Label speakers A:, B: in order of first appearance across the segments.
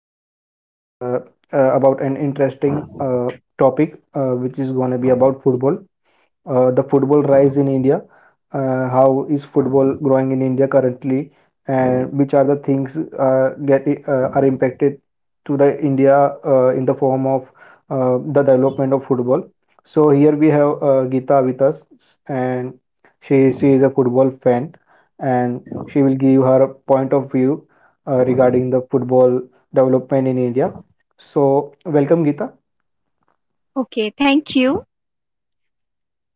A: to discuss uh, about an interesting topic, which is going to be about football, the football rise in India, how is football growing in India currently, and which are the things get are impacted to the India in the form of the development of football. So here we have Geeta with us, and she is a football fan, and she will give her point of view regarding the football development in India. So welcome, Geeta.
B: Okay, thank you.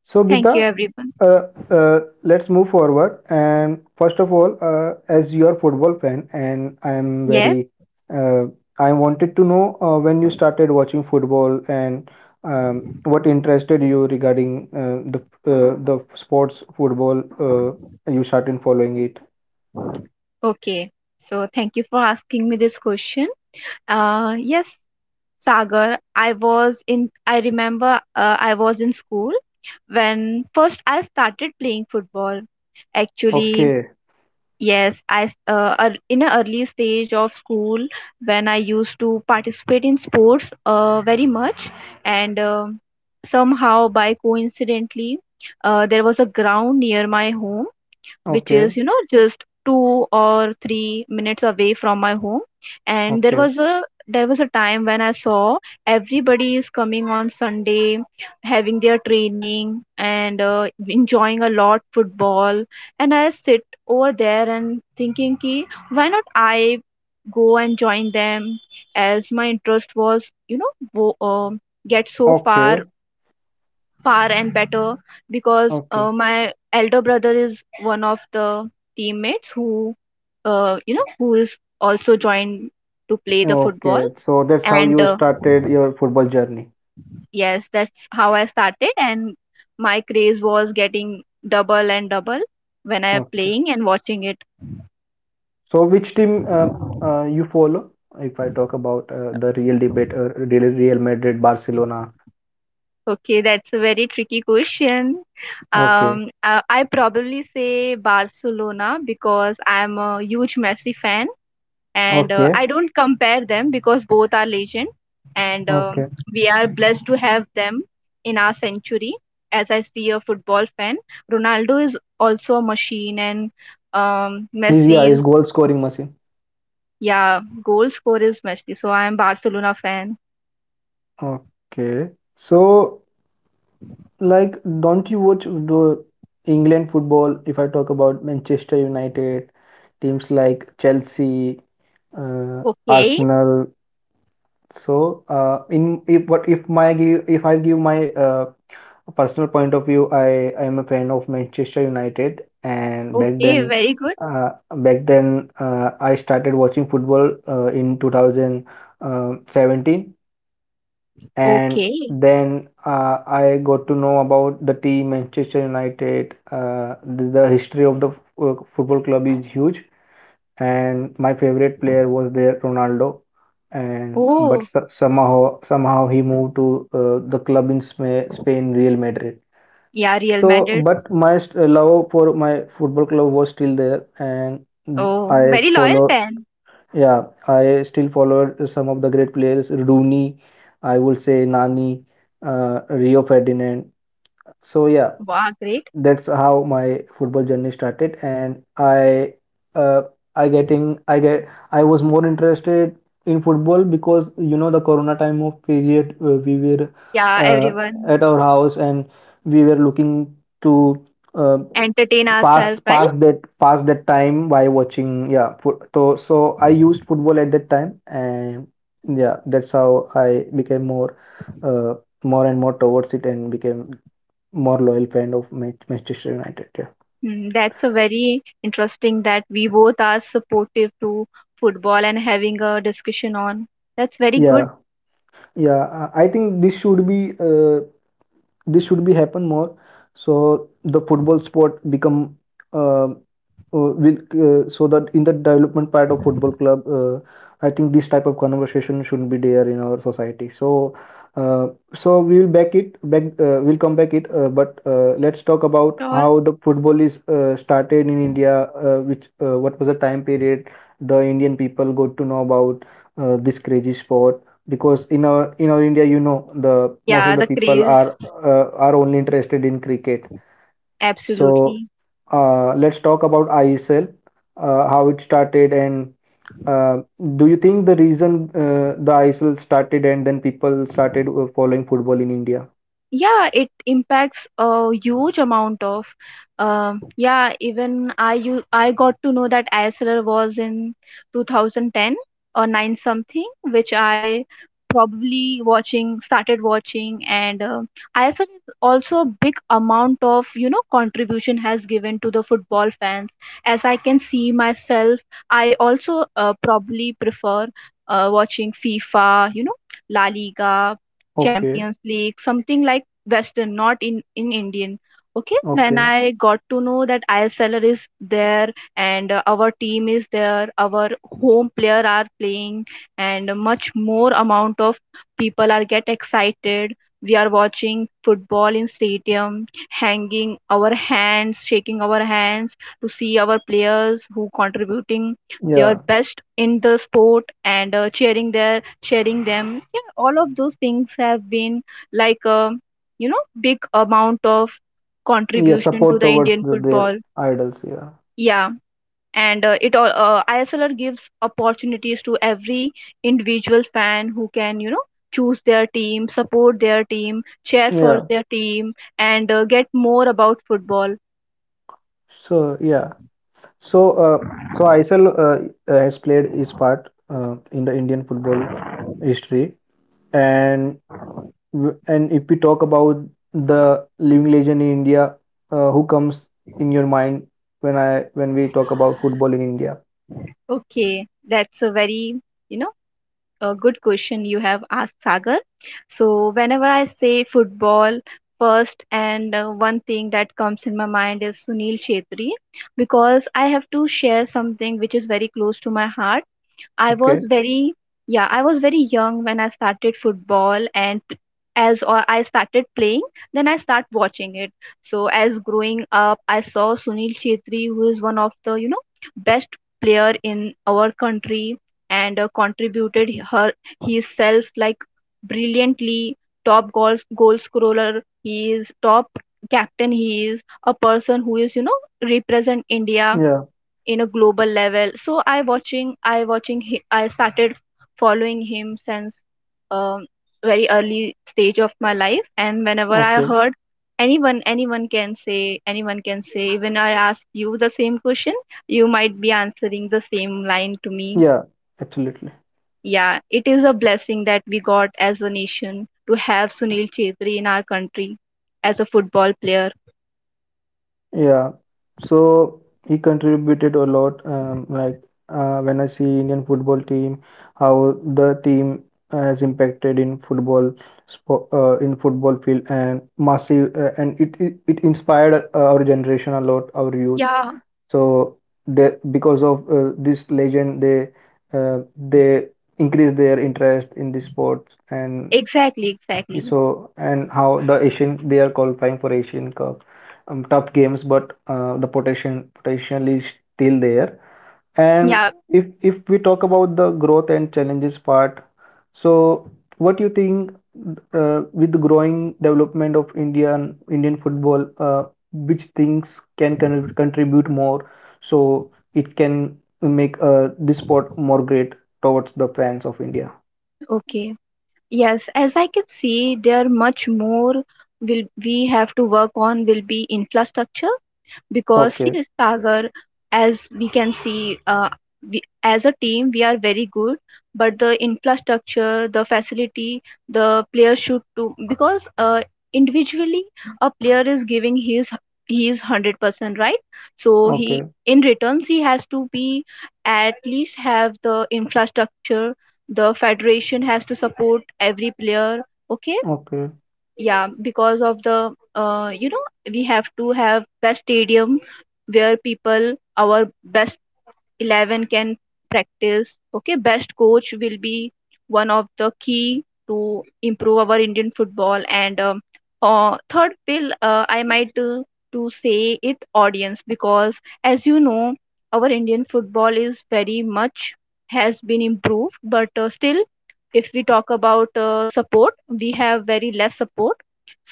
A: So,
B: Thank you,
A: Geeta,
B: everyone.
A: uh, let's move forward. And first of all, as you are football fan, and I am
B: Yes,
A: very, uh, I wanted to know when you started watching football and what interested you regarding the sports football. You started following it.
B: okay. So, thank you for asking me this question. Yes, Sagar, I remember I was in school when first I started playing football. Actually,
A: Okay,
B: yes, in an early stage of school when I used to participate in sports very much, and somehow by coincidentally, there was a ground near my home which
A: okay,
B: is just 2 or 3 minutes away from my home, and there
A: okay,
B: was a there was a time when I saw everybody is coming on Sunday having their training and enjoying a lot football. And I sit over there and thinking ki, why not I go and join them, as my interest was get so far
A: okay,
B: far and better because
A: okay,
B: my elder brother is one of the teammates who is also joined to play the football.
A: okay. So that's how
B: And
A: you started your football journey.
B: yes, that's how I started, and my craze was getting double and double when I'm
A: Okay.
B: playing and watching it.
A: So, which team you follow? If I talk about the real debate, Real Madrid, Barcelona.
B: Okay, that's a very tricky question.
A: Okay,
B: I probably say Barcelona because I'm a huge Messi fan, and
A: okay,
B: I don't compare them, because both are legend. And
A: okay.
B: we are blessed to have them in our century. As I see a football fan, Ronaldo is also a machine, and
A: He's, yeah,
B: Messi
A: he's
B: is...
A: goal scoring machine.
B: Yeah, goal scorer is Messi, so I am Barcelona fan.
A: Okay. So, like, don't you watch the England football? If I talk about Manchester United, teams like Chelsea, uh,
B: Okay.
A: Arsenal, so, in if what if my give if I give my personal point of view, I am a fan of Manchester United, and back
B: Okay,
A: then,
B: very good.
A: uh, I started watching football in 2017, and
B: Okay.
A: then I got to know about the team Manchester United. The history of the f- football club is huge, and my favorite player was there, Ronaldo, and
B: Oh,
A: somehow he moved to the club in Spain, Real Madrid.
B: yeah, Real
A: So
B: Madrid.
A: but love for my football club was still there, and
B: Oh,
A: I
B: very loyal
A: follow,
B: fan.
A: yeah, I still followed some of the great players, Rooney, I would say, Nani, Rio Ferdinand. So yeah,
B: Wow, great.
A: that's how my football journey started, and uh, I getting I get I was more interested in football because, you know, the corona time of period, we were
B: Yeah,
A: uh,
B: everyone.
A: at our house and we were looking to uh,
B: Entertain
A: pass
B: ourselves,
A: pass
B: right?
A: that pass that time by watching, yeah, foot, so so I used football at that time. And yeah, that's how I became more, uh, more and more towards it, and became more loyal fan of Manchester United. Yeah,
B: Mm, that's a very interesting that we both are supportive to football and having a discussion on. That's very good.
A: yeah, yeah. I think this should be, uh, this should be happen more. So the football sport become uh, uh, will so that in the development part of football club, I think this type of conversation shouldn't be there in our society. So uh, so we will back it back, we'll come back it. But let's talk about
B: Sure.
A: how the football is started in India, which what was the time period the Indian people got to know about this crazy sport. Because in our India, you know, the most of
B: Yeah,
A: the
B: the
A: people
B: craze.
A: are only interested in cricket. So
B: Absolutely.
A: let's talk about IESL, how it started, and uh, do you think the reason the IESL started and then people started following football in India?
B: Yeah, it impacts a huge amount of. Yeah, even I got to know that ISLR was in 2010 or 9 something which I probably watching started watching. And ISLR is also a big amount of contribution has given to the football fans. As I can see myself, I also probably prefer watching FIFA, La Liga,
A: Okay,
B: Champions League, something like Western, not in Indian. Okay, when
A: okay.
B: I got to know that ISLR is there, and our team is there, our home player are playing, and much more amount of people are get excited. We are watching football in stadium, hanging our hands, shaking our hands to see our players who contributing their
A: Yeah,
B: best in the sport, and cheering them. Yeah, all of those things have been like. Big amount of
A: yeah,
B: contribution to
A: support
B: the
A: towards
B: Indian
A: the, their
B: football.
A: idols. Yeah,
B: Yeah, and it all ISLR gives opportunities to every individual fan who can choose their team, support their team, cheer for
A: yeah.
B: their team, and get more about football.
A: So yeah. So so ISL has played its part in the Indian football history. And and if we talk about the living legend in India, who comes in your mind when I when we talk about football in India?
B: Okay, that's a very, you know a good question you have asked, Sagar. So, whenever I say football first, and one thing that comes in my mind is Sunil Shetty, because I have to share something which is very close to my heart. I was
A: Okay.
B: very, yeah, I was very young when I started football, and p- as or I started playing, then I start watching it. So as growing up, I saw Sunil Chetri, who is one of the, best player in our country, and contributed her his self like brilliantly. Top goal scorer he is. Top captain he is. A person who is represent India
A: Yeah.
B: in a global level. So I started following him since um, very early stage of my life. And whenever I
A: Okay.
B: heard, anyone anyone can say anyone can say, even I ask you the same question, you might be answering the same line to me.
A: Yeah. Absolutely.
B: Yeah, it is a blessing that we got as a nation to have Sunil Chetri in our country as a football player.
A: Yeah. So he contributed a lot. Like, when I see Indian football team, how the team has impacted in football, in football field, and massive, and it inspired our generation a lot, our youth.
B: Yeah,
A: So the, because of this legend, they increase their interest in the sports. And
B: exactly.
A: so, and how the Asian, they are qualifying for Asian Cup, tough games, but the potential is still there. And
B: Yeah.
A: if we talk about the growth and challenges part, so, what do you think with the growing development of Indian football, which things can contribute more so it can make this sport more great towards the fans of India?
B: Okay. Yes, as I can see, there much more will we have to work on will be infrastructure because see
A: Okay,
B: Sagar, as we can see, we, as a team, we are very good, but the infrastructure, the facility, the player should too, because individually a player is giving his 100%, right? So he
A: okay,
B: in returns he has to be at least have the infrastructure. The federation has to support every player. Okay.
A: okay,
B: Yeah, because of the we have to have best stadium where people our best 11 can practice. Okay. Best coach will be one of the key to improve our Indian football, and third will I might to say it audience, because as you know our Indian football is very much has been improved, but still if we talk about support, we have very less support.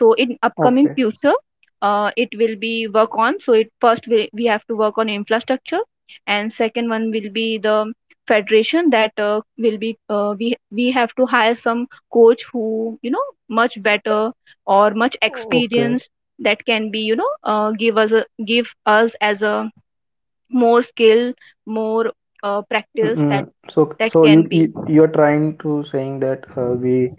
B: So in upcoming
A: okay,
B: future, it will be work on. So it, first we have to work on infrastructure, and second one will be the federation that will be we have to hire some coach who much better or much
A: okay.
B: experienced, that can be give us as a more skill, more practice that
A: Mm, so,
B: that
A: you,
B: can be...
A: you're trying to saying that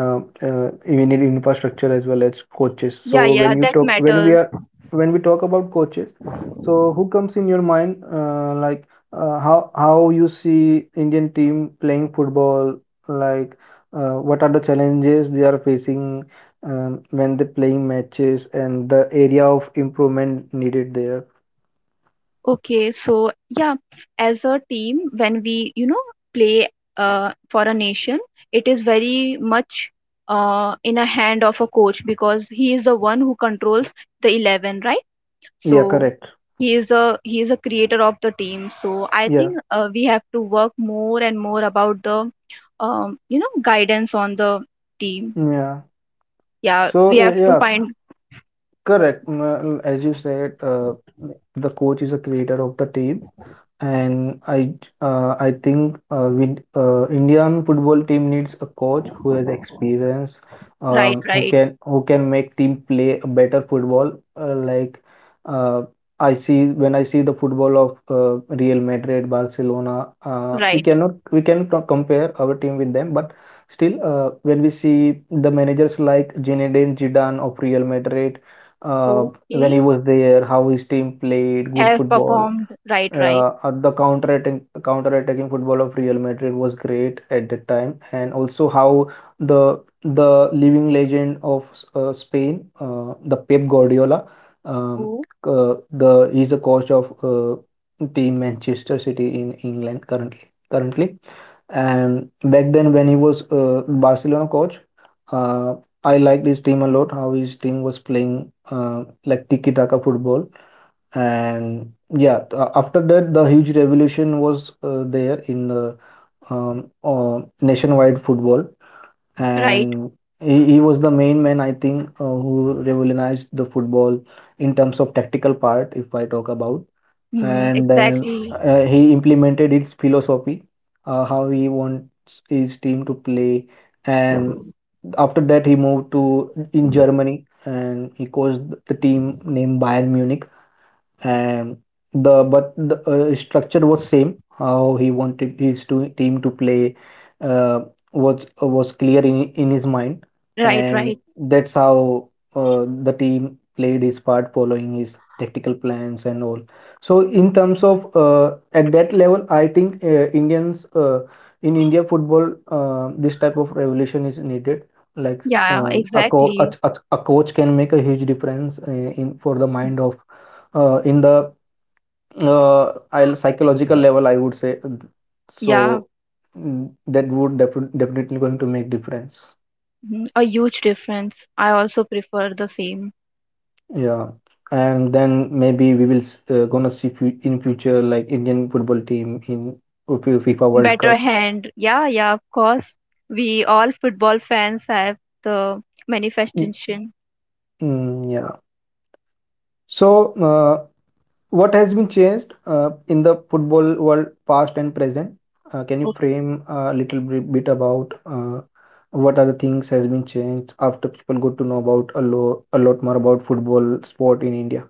A: uh, we need infrastructure as well as coaches.
B: Yeah,
A: So
B: yeah,
A: when you
B: that
A: talk when we
B: matters.
A: are when we talk about coaches, so who comes in your mind like how you see Indian team playing football, like what are the challenges they are facing, when they playing matches and the area of improvement needed there.
B: Okay, so yeah, as a team, when we play for a nation, it is very much in a hand of a coach, because he is the one who controls the 11, right?
A: Yeah,
B: So
A: correct.
B: he is a creator of the team. So I
A: Yeah,
B: think we have to work more and more about the guidance on the team.
A: yeah.
B: Yeah, we
A: So,
B: have to
A: yeah,
B: find.
A: correct. As you said, the coach is a creator of the team. And I, I think with Indian football team needs a coach who has experience,
B: Right,
A: who
B: right,
A: can, who can make team play a better football. Like uh, I see when I see the football of Real Madrid, Barcelona,
B: right.
A: we cannot compare our team with them. But still, when we see the managers like Zinedine Zidane of Real Madrid, when he
B: Okay,
A: was there, how his team played good
B: have
A: football,
B: performed, right, right.
A: the counter-attacking counter-attacking football of Real Madrid was great at that time. And also how the, living legend of Spain, the Pep Guardiola, um,
B: Oh,
A: the he's the coach of team Manchester City in England currently, and back then when he was Barcelona coach, uh, I liked his team a lot. How his team was playing, like, tiki-taka football. And yeah, after that the huge revolution was there in the nationwide football.
B: right.
A: And he, was the main man, I think, who revolutionized the football in terms of tactical part, if I talk about.
B: Mm,
A: And then
B: exactly.
A: he implemented its philosophy, how he wants his team to play. And after that he moved to in Germany and he coached the team named Bayern Munich. And the, but the structure was same, how he wanted his to, team to play uh, was clear in his mind.
B: Right,
A: And
B: right.
A: that's how the team played his part following his tactical plans and all. So in terms of at that level, I think indians in India football, this type of revolution is needed, like,
B: Yeah, exactly.
A: a coach can make a huge difference in for the mind of, in the I'll psychological level, I would say.
B: Yeah,
A: So that would definitely going to make difference.
B: mhm, a huge difference. I also prefer the same.
A: Yeah, and then maybe we will, gonna see in future like Indian football team in FIFA World
B: Better
A: Cup.
B: hand. Yeah, yeah, of course. We all football fans have the
A: Mm,
B: manifestation.
A: mm, yeah. So what has been changed in the football world, past and present? Can you
B: O-
A: frame a little bit about what are the things has been changed after people got to know about a lot more about football sport in India?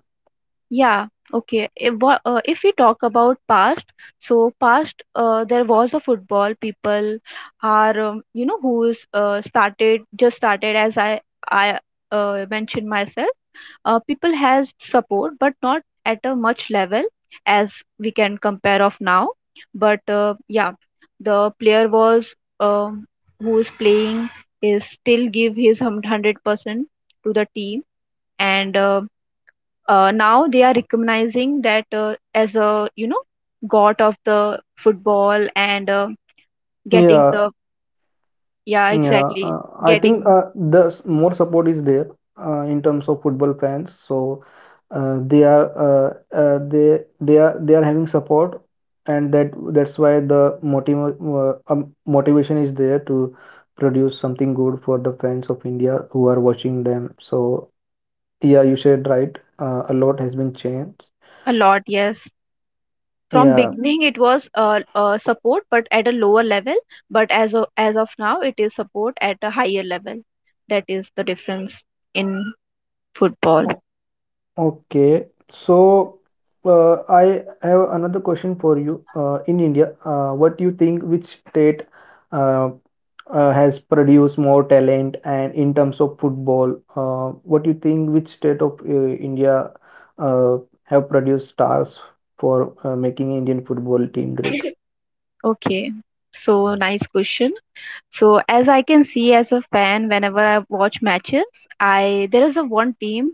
B: Yeah, okay. If we talk about past, so past, there was a football. People are, who's started, just started, as I mentioned myself. People has support but not at a much level as we can compare of now. But yeah, the player was um, who is playing is still give his 100% to the team. And now they are recognizing that as a god of the football, and getting
A: Yeah,
B: the... Yeah,
A: yeah,
B: exactly.
A: I think
B: Getting...
A: more support is there in terms of football fans. So they are having support, and that that's why the motivation is there to produce something good for the fans of India who are watching them. So yeah, you said right. A lot has been changed.
B: A lot, yes. From
A: Yeah.
B: beginning it was support but at a lower level, but as of now it is support at a higher level. That is the difference in football.
A: Okay, so I have another question for you. In India, what do you think, which state uh, has produced more talent, and in terms of football, what do you think, which state of India uh, have produced stars for making Indian football team great?
B: Okay, so nice question. So as I can see as a fan, whenever I watch matches, I there is a one team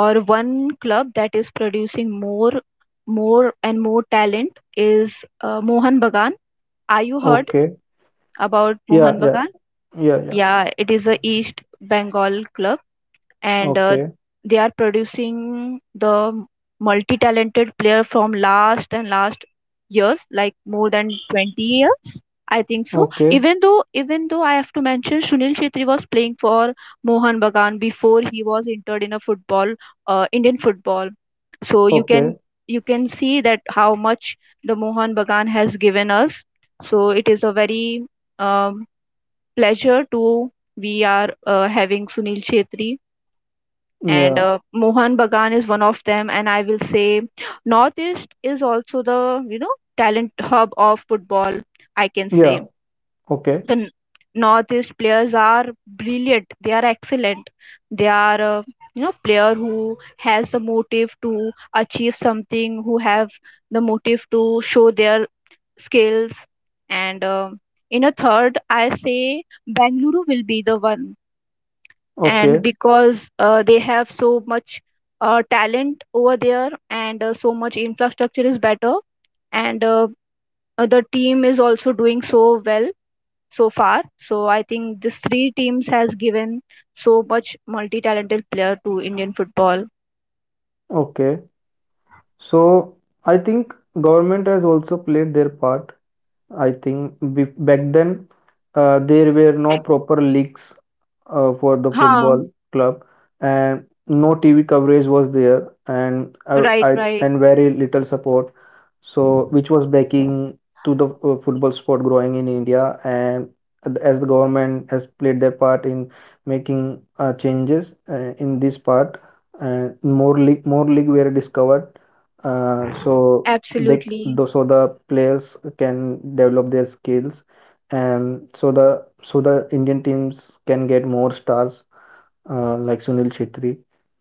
B: or one club that is producing more, more and more talent is Mohan Bagan. Are you heard
A: Okay.
B: about
A: Yeah,
B: Mohan
A: yeah,
B: Bagan?
A: yeah, yeah.
B: Yeah, it is a East Bengal club, and
A: Okay,
B: they are producing the multi-talented player from last and last years, like more than 20 years I think so.
A: okay,
B: Even though I have to mention Sunil Chhetri was playing for Mohan Bagan before he was entered in a football, Indian football. So you
A: okay.
B: can you can see that how much the Mohan Bagan has given us. So it is a very um, pleasure to we are having Sunil Chhetri, and
A: Yeah,
B: Mohan Bagan is one of them. And I will say Northeast is also the talent hub of football. I can
A: yeah.
B: say
A: Okay,
B: the Northeast players are brilliant. They are excellent. They are player who has the motive to achieve something, who have the motive to show their skills, and in a third, I say Bangalore will be the one, and
A: okay,
B: because they have so much talent over there, and so much infrastructure is better, and the team is also doing so well so far. So I think these three teams has given so much multi-talented player to Indian football.
A: okay. So I think government has also played their part. I think back then there were no proper leaks for the
B: Huh.
A: football club, and no TV coverage was there, and
B: Right,
A: I
B: right.
A: and very little support, so which was backing to the football sport growing in India. And as the government has played their part in making changes in this part, and more league were discovered, so they
B: Absolutely.
A: though, so the players can develop their skills, and so the Indian teams can get more stars, like Sunil Chhetri,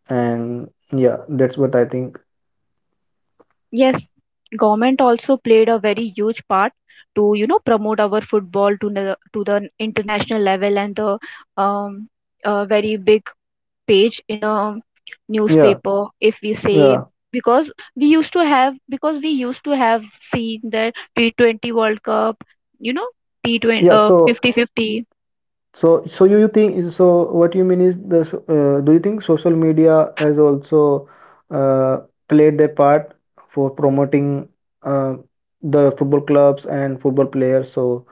A: and yeah, that's what I think.
B: Yes, government also played a very huge part to promote our football to the international level, and the um, a very big page in a
A: Yeah,
B: newspaper if we say.
A: yeah,
B: Because we used to have because we used to have seen that T20 World Cup, you know, T20
A: yeah.
B: 50
A: So,
B: 50.
A: So you think so? What you mean is do you think social media has also uh, played their part for promoting uh, the football clubs and football players? So,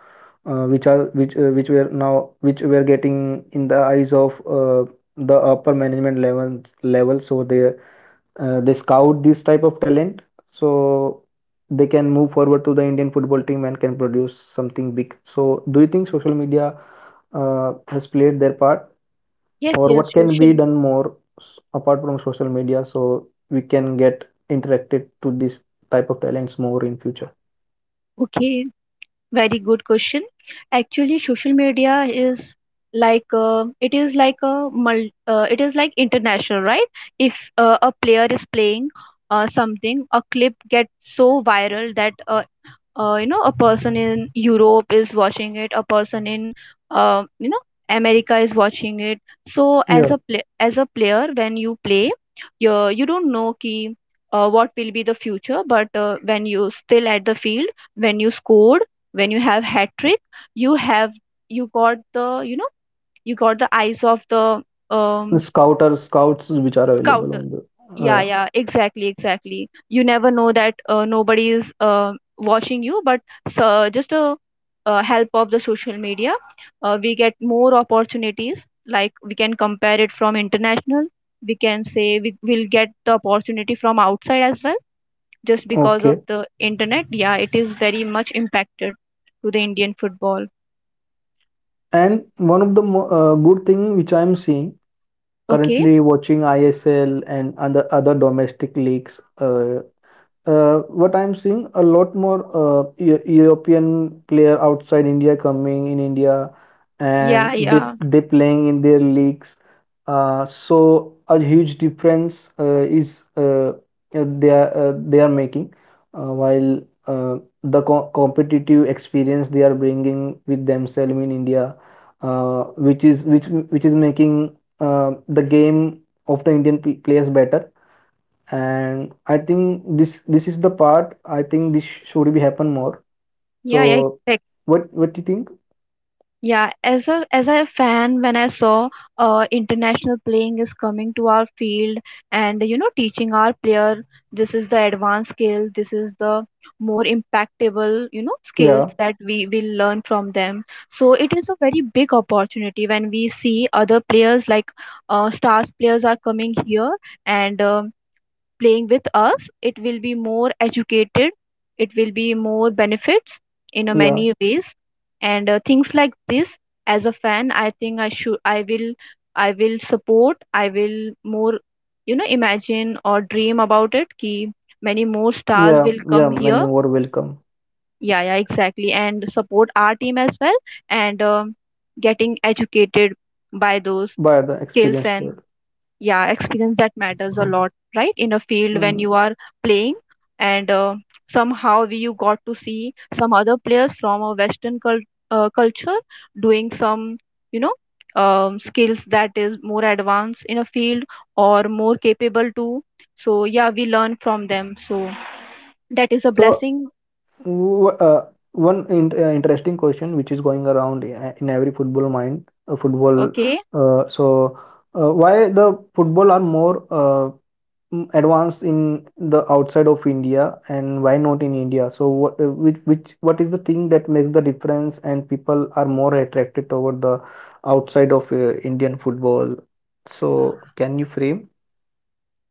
A: which are which were now which were getting in the eyes of the upper management level. So they scout this type of talent so they can move forward to the Indian football team and can produce something big. So, do you think social media has played their part,
B: Yes,
A: or
B: yes,
A: what can be
B: social.
A: done more apart from social media so we can get interacted to this type of talents more in future?
B: Okay, very good question. Actually, social media is like it is like international, right? If a player is playing something, a clip gets so viral that a person in europe is watching it, a person in uh, you know america is watching it. So as
A: Yeah,
B: a player when you play, you don't know ki, what will be the future. But when you still at the field, when you scored, when you have hat trick, you have, you got the you got the eyes of the
A: the
B: um,
A: scouter scouts which are
B: scout.
A: available on the
B: Yeah,
A: uh,
B: yeah, exactly, exactly. You never know that nobody is watching you, but so just a help of the social media, we get more opportunities. Like we can compare it from international. We can say we will get the opportunity from outside as well, just because of
A: okay.
B: the internet. Yeah, it is very much impacted to the Indian football.
A: And one of the good thing which I am seeing,
B: Okay.
A: currently watching ISL and other domestic leagues. What I'm seeing, a lot more European player outside India coming in India,
B: Yeah,
A: and they
B: yeah,
A: they playing in their leagues. So a huge difference is, they are making, while uh, the co competitive experience they are bringing with themselves in India, which is making the game of the Indian players better, and I think this is the part. I think this should be happen more.
B: yeah, yeah.
A: So what do you think?
B: Yeah, as a fan, when I saw international playing is coming to our field and you know teaching our player, this is the advanced skill, this is the more impactable you know skills
A: Yeah,
B: that we will learn from them. So it is a very big opportunity when we see other players like stars players are coming here, and playing with us. It will be more educated, it will be more benefits in a
A: yeah,
B: many ways, and things like this. As a fan, I think I should, I will support, I will more, you know, imagine or dream about it. Ki many more stars
A: yeah,
B: will
A: yeah.
B: come here.
A: Many more welcome
B: Yeah, yeah, exactly, and support our team as well, and getting educated by those
A: by the
B: skills
A: experienced
B: and
A: players.
B: yeah experience that matters a lot, right, in a field when
A: Mm.
B: you are playing. And somehow we, you got to see some other players from a western culture doing some you know skills that is more advanced in a field or more capable to. So yeah, we learn from them, so that is a
A: So
B: blessing.
A: wh- uh, One interesting question which is going around in every football mind, football.
B: Okay.
A: Uh, so why the football are more advanced in the outside of India and why not in India? So what which what is the thing that makes the difference and people are more attracted toward the outside of Indian football? So can you frame?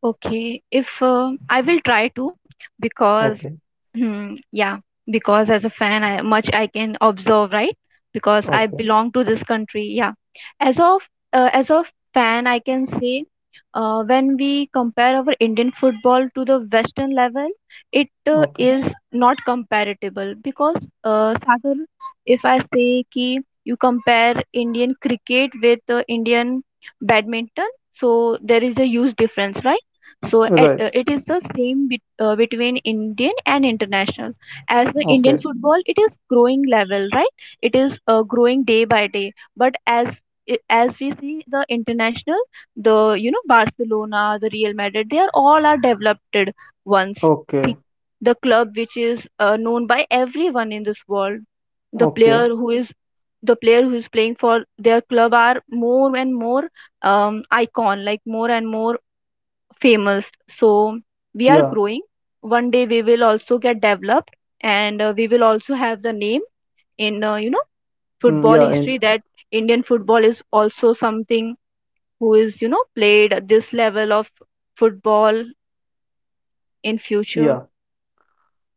B: Okay, if I will try to, because
A: Okay,
B: hmm, yeah, because as a fan, I much I can observe, right? Because I
A: okay,
B: belong to this country, yeah. As of as a fan, I can say when we compare our Indian football to the Western level, it
A: okay.
B: is not comparable because Sagar, if I say ki you compare Indian cricket with Indian badminton, so there is a huge difference, right? So at,
A: Right.
B: it is the same bet between Indian and international. As the Indian
A: Okay,
B: football, it is growing level, right? It is growing day by day. But as as we see the international, the you know Barcelona, the Real Madrid, they are all are developed ones. The
A: okay,
B: the club which is known by everyone in this world, the
A: okay.
B: player who is the player who is playing for their club are more and more icon, like more and more famous. So we are
A: Yeah,
B: growing. One day we will also get developed, and we will also have the name in you know
A: mm,
B: football
A: yeah, and
B: history, that Indian football is also something who is you know played at this level of football in future.
A: yeah.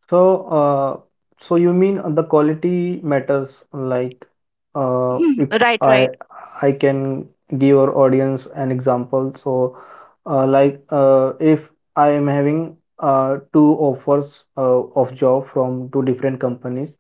A: So, uh, so you mean the quality matters, like, uh,
B: Hmm,
A: if
B: right,
A: I
B: right,
A: I can give our audience an example. So, if I am having two offers of job from two different companies,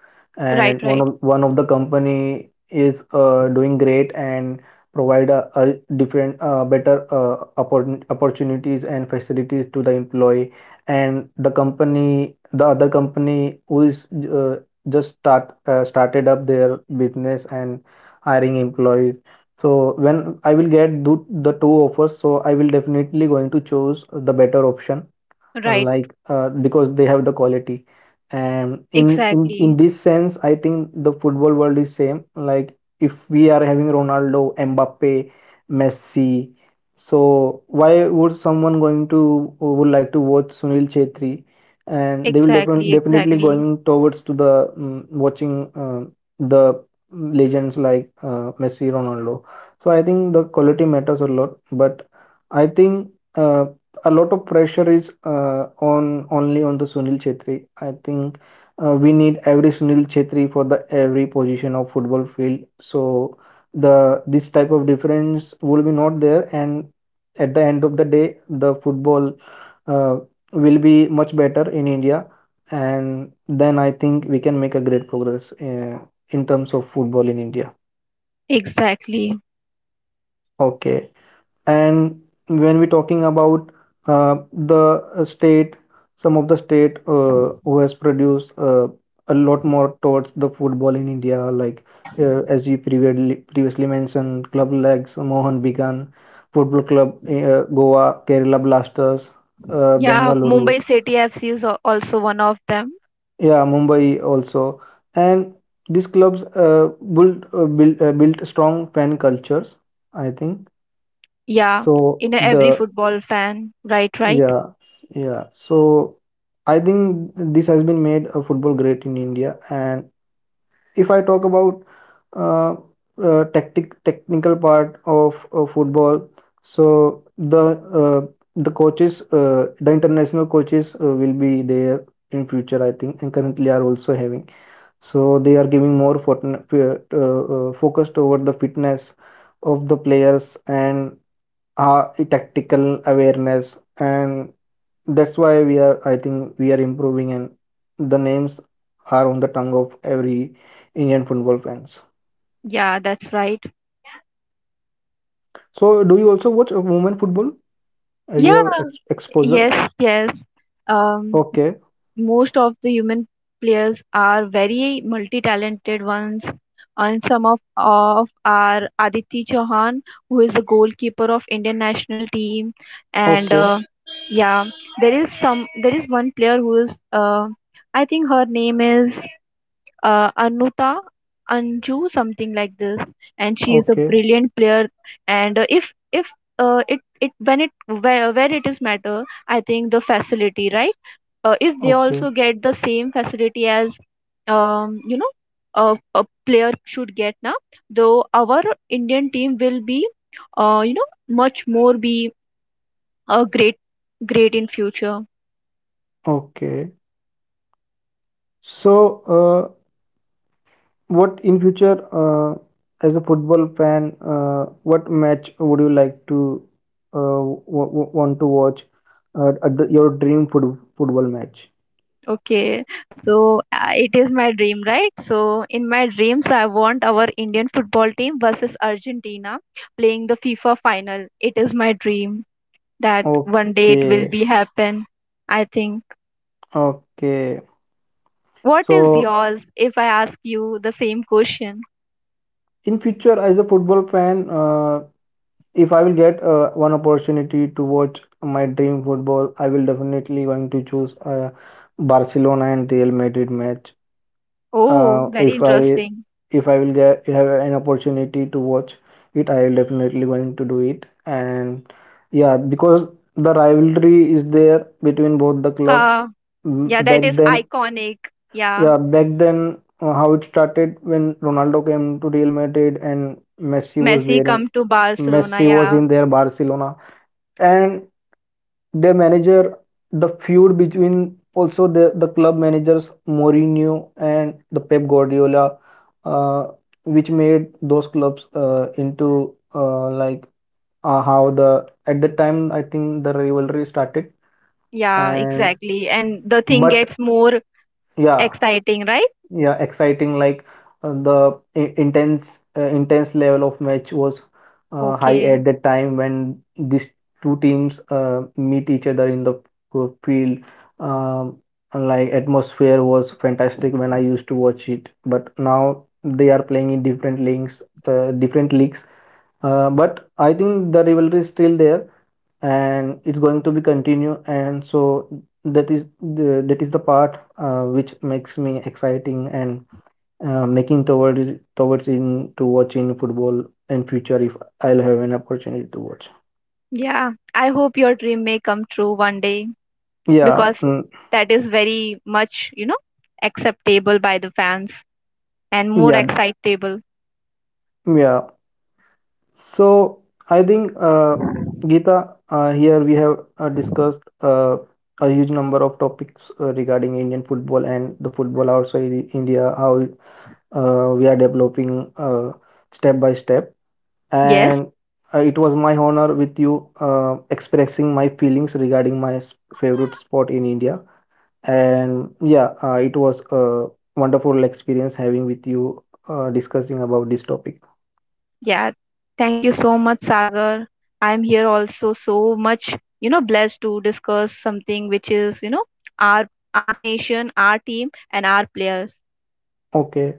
B: right,
A: and one
B: right,
A: of one of the company is doing great and provide a different, better opportunities and facilities to the employee, and the other company who is just start started up their business and hiring employees. So when I will get the two offers, so I will definitely going to choose the better option,
B: right.
A: like because they have the quality. And in
B: Exactly,
A: this sense, I think the football world is same. Like, if we are having Ronaldo, Mbappe, Messi, so why would someone going to would like to watch Sunil Chhetri? And they will
B: exactly,
A: definitely
B: exactly,
A: going towards to the watching the legends like Messi, Ronaldo. So I think the quality matters a lot, but I think a lot of pressure is on, only on the Sunil Chhetri. I think we need every Sunil Chhetri for the every position of football field. So the this type of difference will be not there, and at the end of the day, the football uh, will be much better in India, and then I think we can make a great progress in terms of football in India.
B: exactly.
A: Okay. And when we're talking about the state, some of the state who has produced a lot more towards the football in India, like as you previously mentioned, club legs Mohan Began football club, Goa, Kerala Blasters,
B: Yeah,
A: Bengaluru,
B: Mumbai City FC is also one of them.
A: yeah, Mumbai also. And these clubs built strong fan cultures, I think.
B: Yeah,
A: So
B: in every
A: the
B: football fan. Right, right.
A: yeah, yeah. So I think this has been made a football great in India. And if I talk about uh, tactic technical part of football, so the coaches, the international coaches will be there in future, I think, and currently are also having. So they are giving more focused over the fitness of the players and uh, tactical awareness, and that's why we are, I think we are improving, and the names are on the tongue of every Indian football fans.
B: Yeah, that's right.
A: So do you also watch women football? You
B: Yeah,
A: have exposure?
B: yes, yes. Um,
A: Okay,
B: most of the human players are very multi-talented ones, and some of are Aditi Chauhan, who is the goalkeeper of Indian national team, and
A: okay,
B: yeah, there is one player who is I think her name is Anuta Anju, something like this, and she is a
A: okay,
B: brilliant player. And if it when it where it is matter, I think the facility, right? If they
A: okay,
B: also get the same facility as you know a player should get now, though our Indian team will be you know much more be a great great in future.
A: okay. So uh, what in future, uh, as a football fan, what match would you like to want to watch at the, your dream football match?
B: Okay, so it is my dream, right? So in my dreams, I want our Indian football team versus Argentina playing the FIFA final. It is my dream that one day it will
A: Okay,
B: be happen. I think.
A: okay.
B: What is
A: So
B: yours? If I ask you the same question.
A: in future, as a football fan, if I will get one opportunity to watch my dream football, I will definitely going to choose Barcelona and Real Madrid match.
B: Oh,
A: Uh,
B: very
A: if I
B: interesting.
A: if I will get have an opportunity to watch it, I will definitely going to do it. And yeah, because the rivalry is there between both the clubs.
B: Uh, yeah,
A: Mm, back
B: that is
A: then,
B: iconic. Yeah,
A: yeah, back then, how it started when Ronaldo came to Real Madrid and Messi was
B: Messi
A: there in,
B: come to Barcelona.
A: Messi was
B: Yeah,
A: in their Barcelona, and their manager, the feud between also the club managers Mourinho and the Pep Guardiola, uh, which made those clubs into, how the at the time, I think, the rivalry started.
B: yeah,
A: And
B: exactly. And the thing
A: but
B: gets more
A: yeah,
B: exciting, right?
A: yeah, exciting, like intense intense level of match was high
B: Okay.
A: at the time when these two teams meet each other in the field. Um, like atmosphere was fantastic when I used to watch it, but now they are playing in different leagues, uh, different leagues but I think the rivalry is still there, and it's going to be continue. And so that is the part which makes me exciting and making towards towards in to watching football in future, if I'll have an opportunity to watch.
B: Yeah, I hope your dream may come true one day,
A: Yeah,
B: because
A: mm,
B: that is very much, you know, acceptable by the fans and more
A: yeah,
B: excitable.
A: yeah. So I think Gita, here we have discussed a huge number of topics regarding Indian football and the football outside India, how we are developing step by step.
B: Yes,
A: And it was my honor with you expressing my feelings regarding my favorite sport in India. And yeah, it was a wonderful experience having with you discussing about this topic.
B: yeah. Thank you so much, Sagar. I'm here also so much, you know, blessed to discuss something which is, you know, our our nation, our team, and our players.
A: Okay.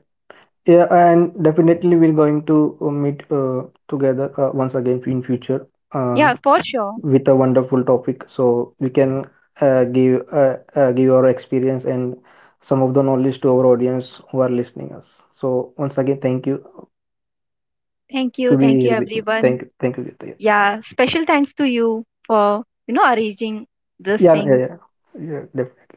A: Yeah, and definitely we're going to meet together once again in future uh,
B: Yeah, for sure.
A: with a wonderful topic, so we can give our experience and some of the knowledge to our audience who are listening us. So once again, thank you to be
B: Thank you,
A: here with me.
B: everyone.
A: Thank you, Geeta.
B: Yeah, special thanks to you for, you know, arranging this
A: Yeah, yeah,
B: thing.
A: yeah, yeah, definitely.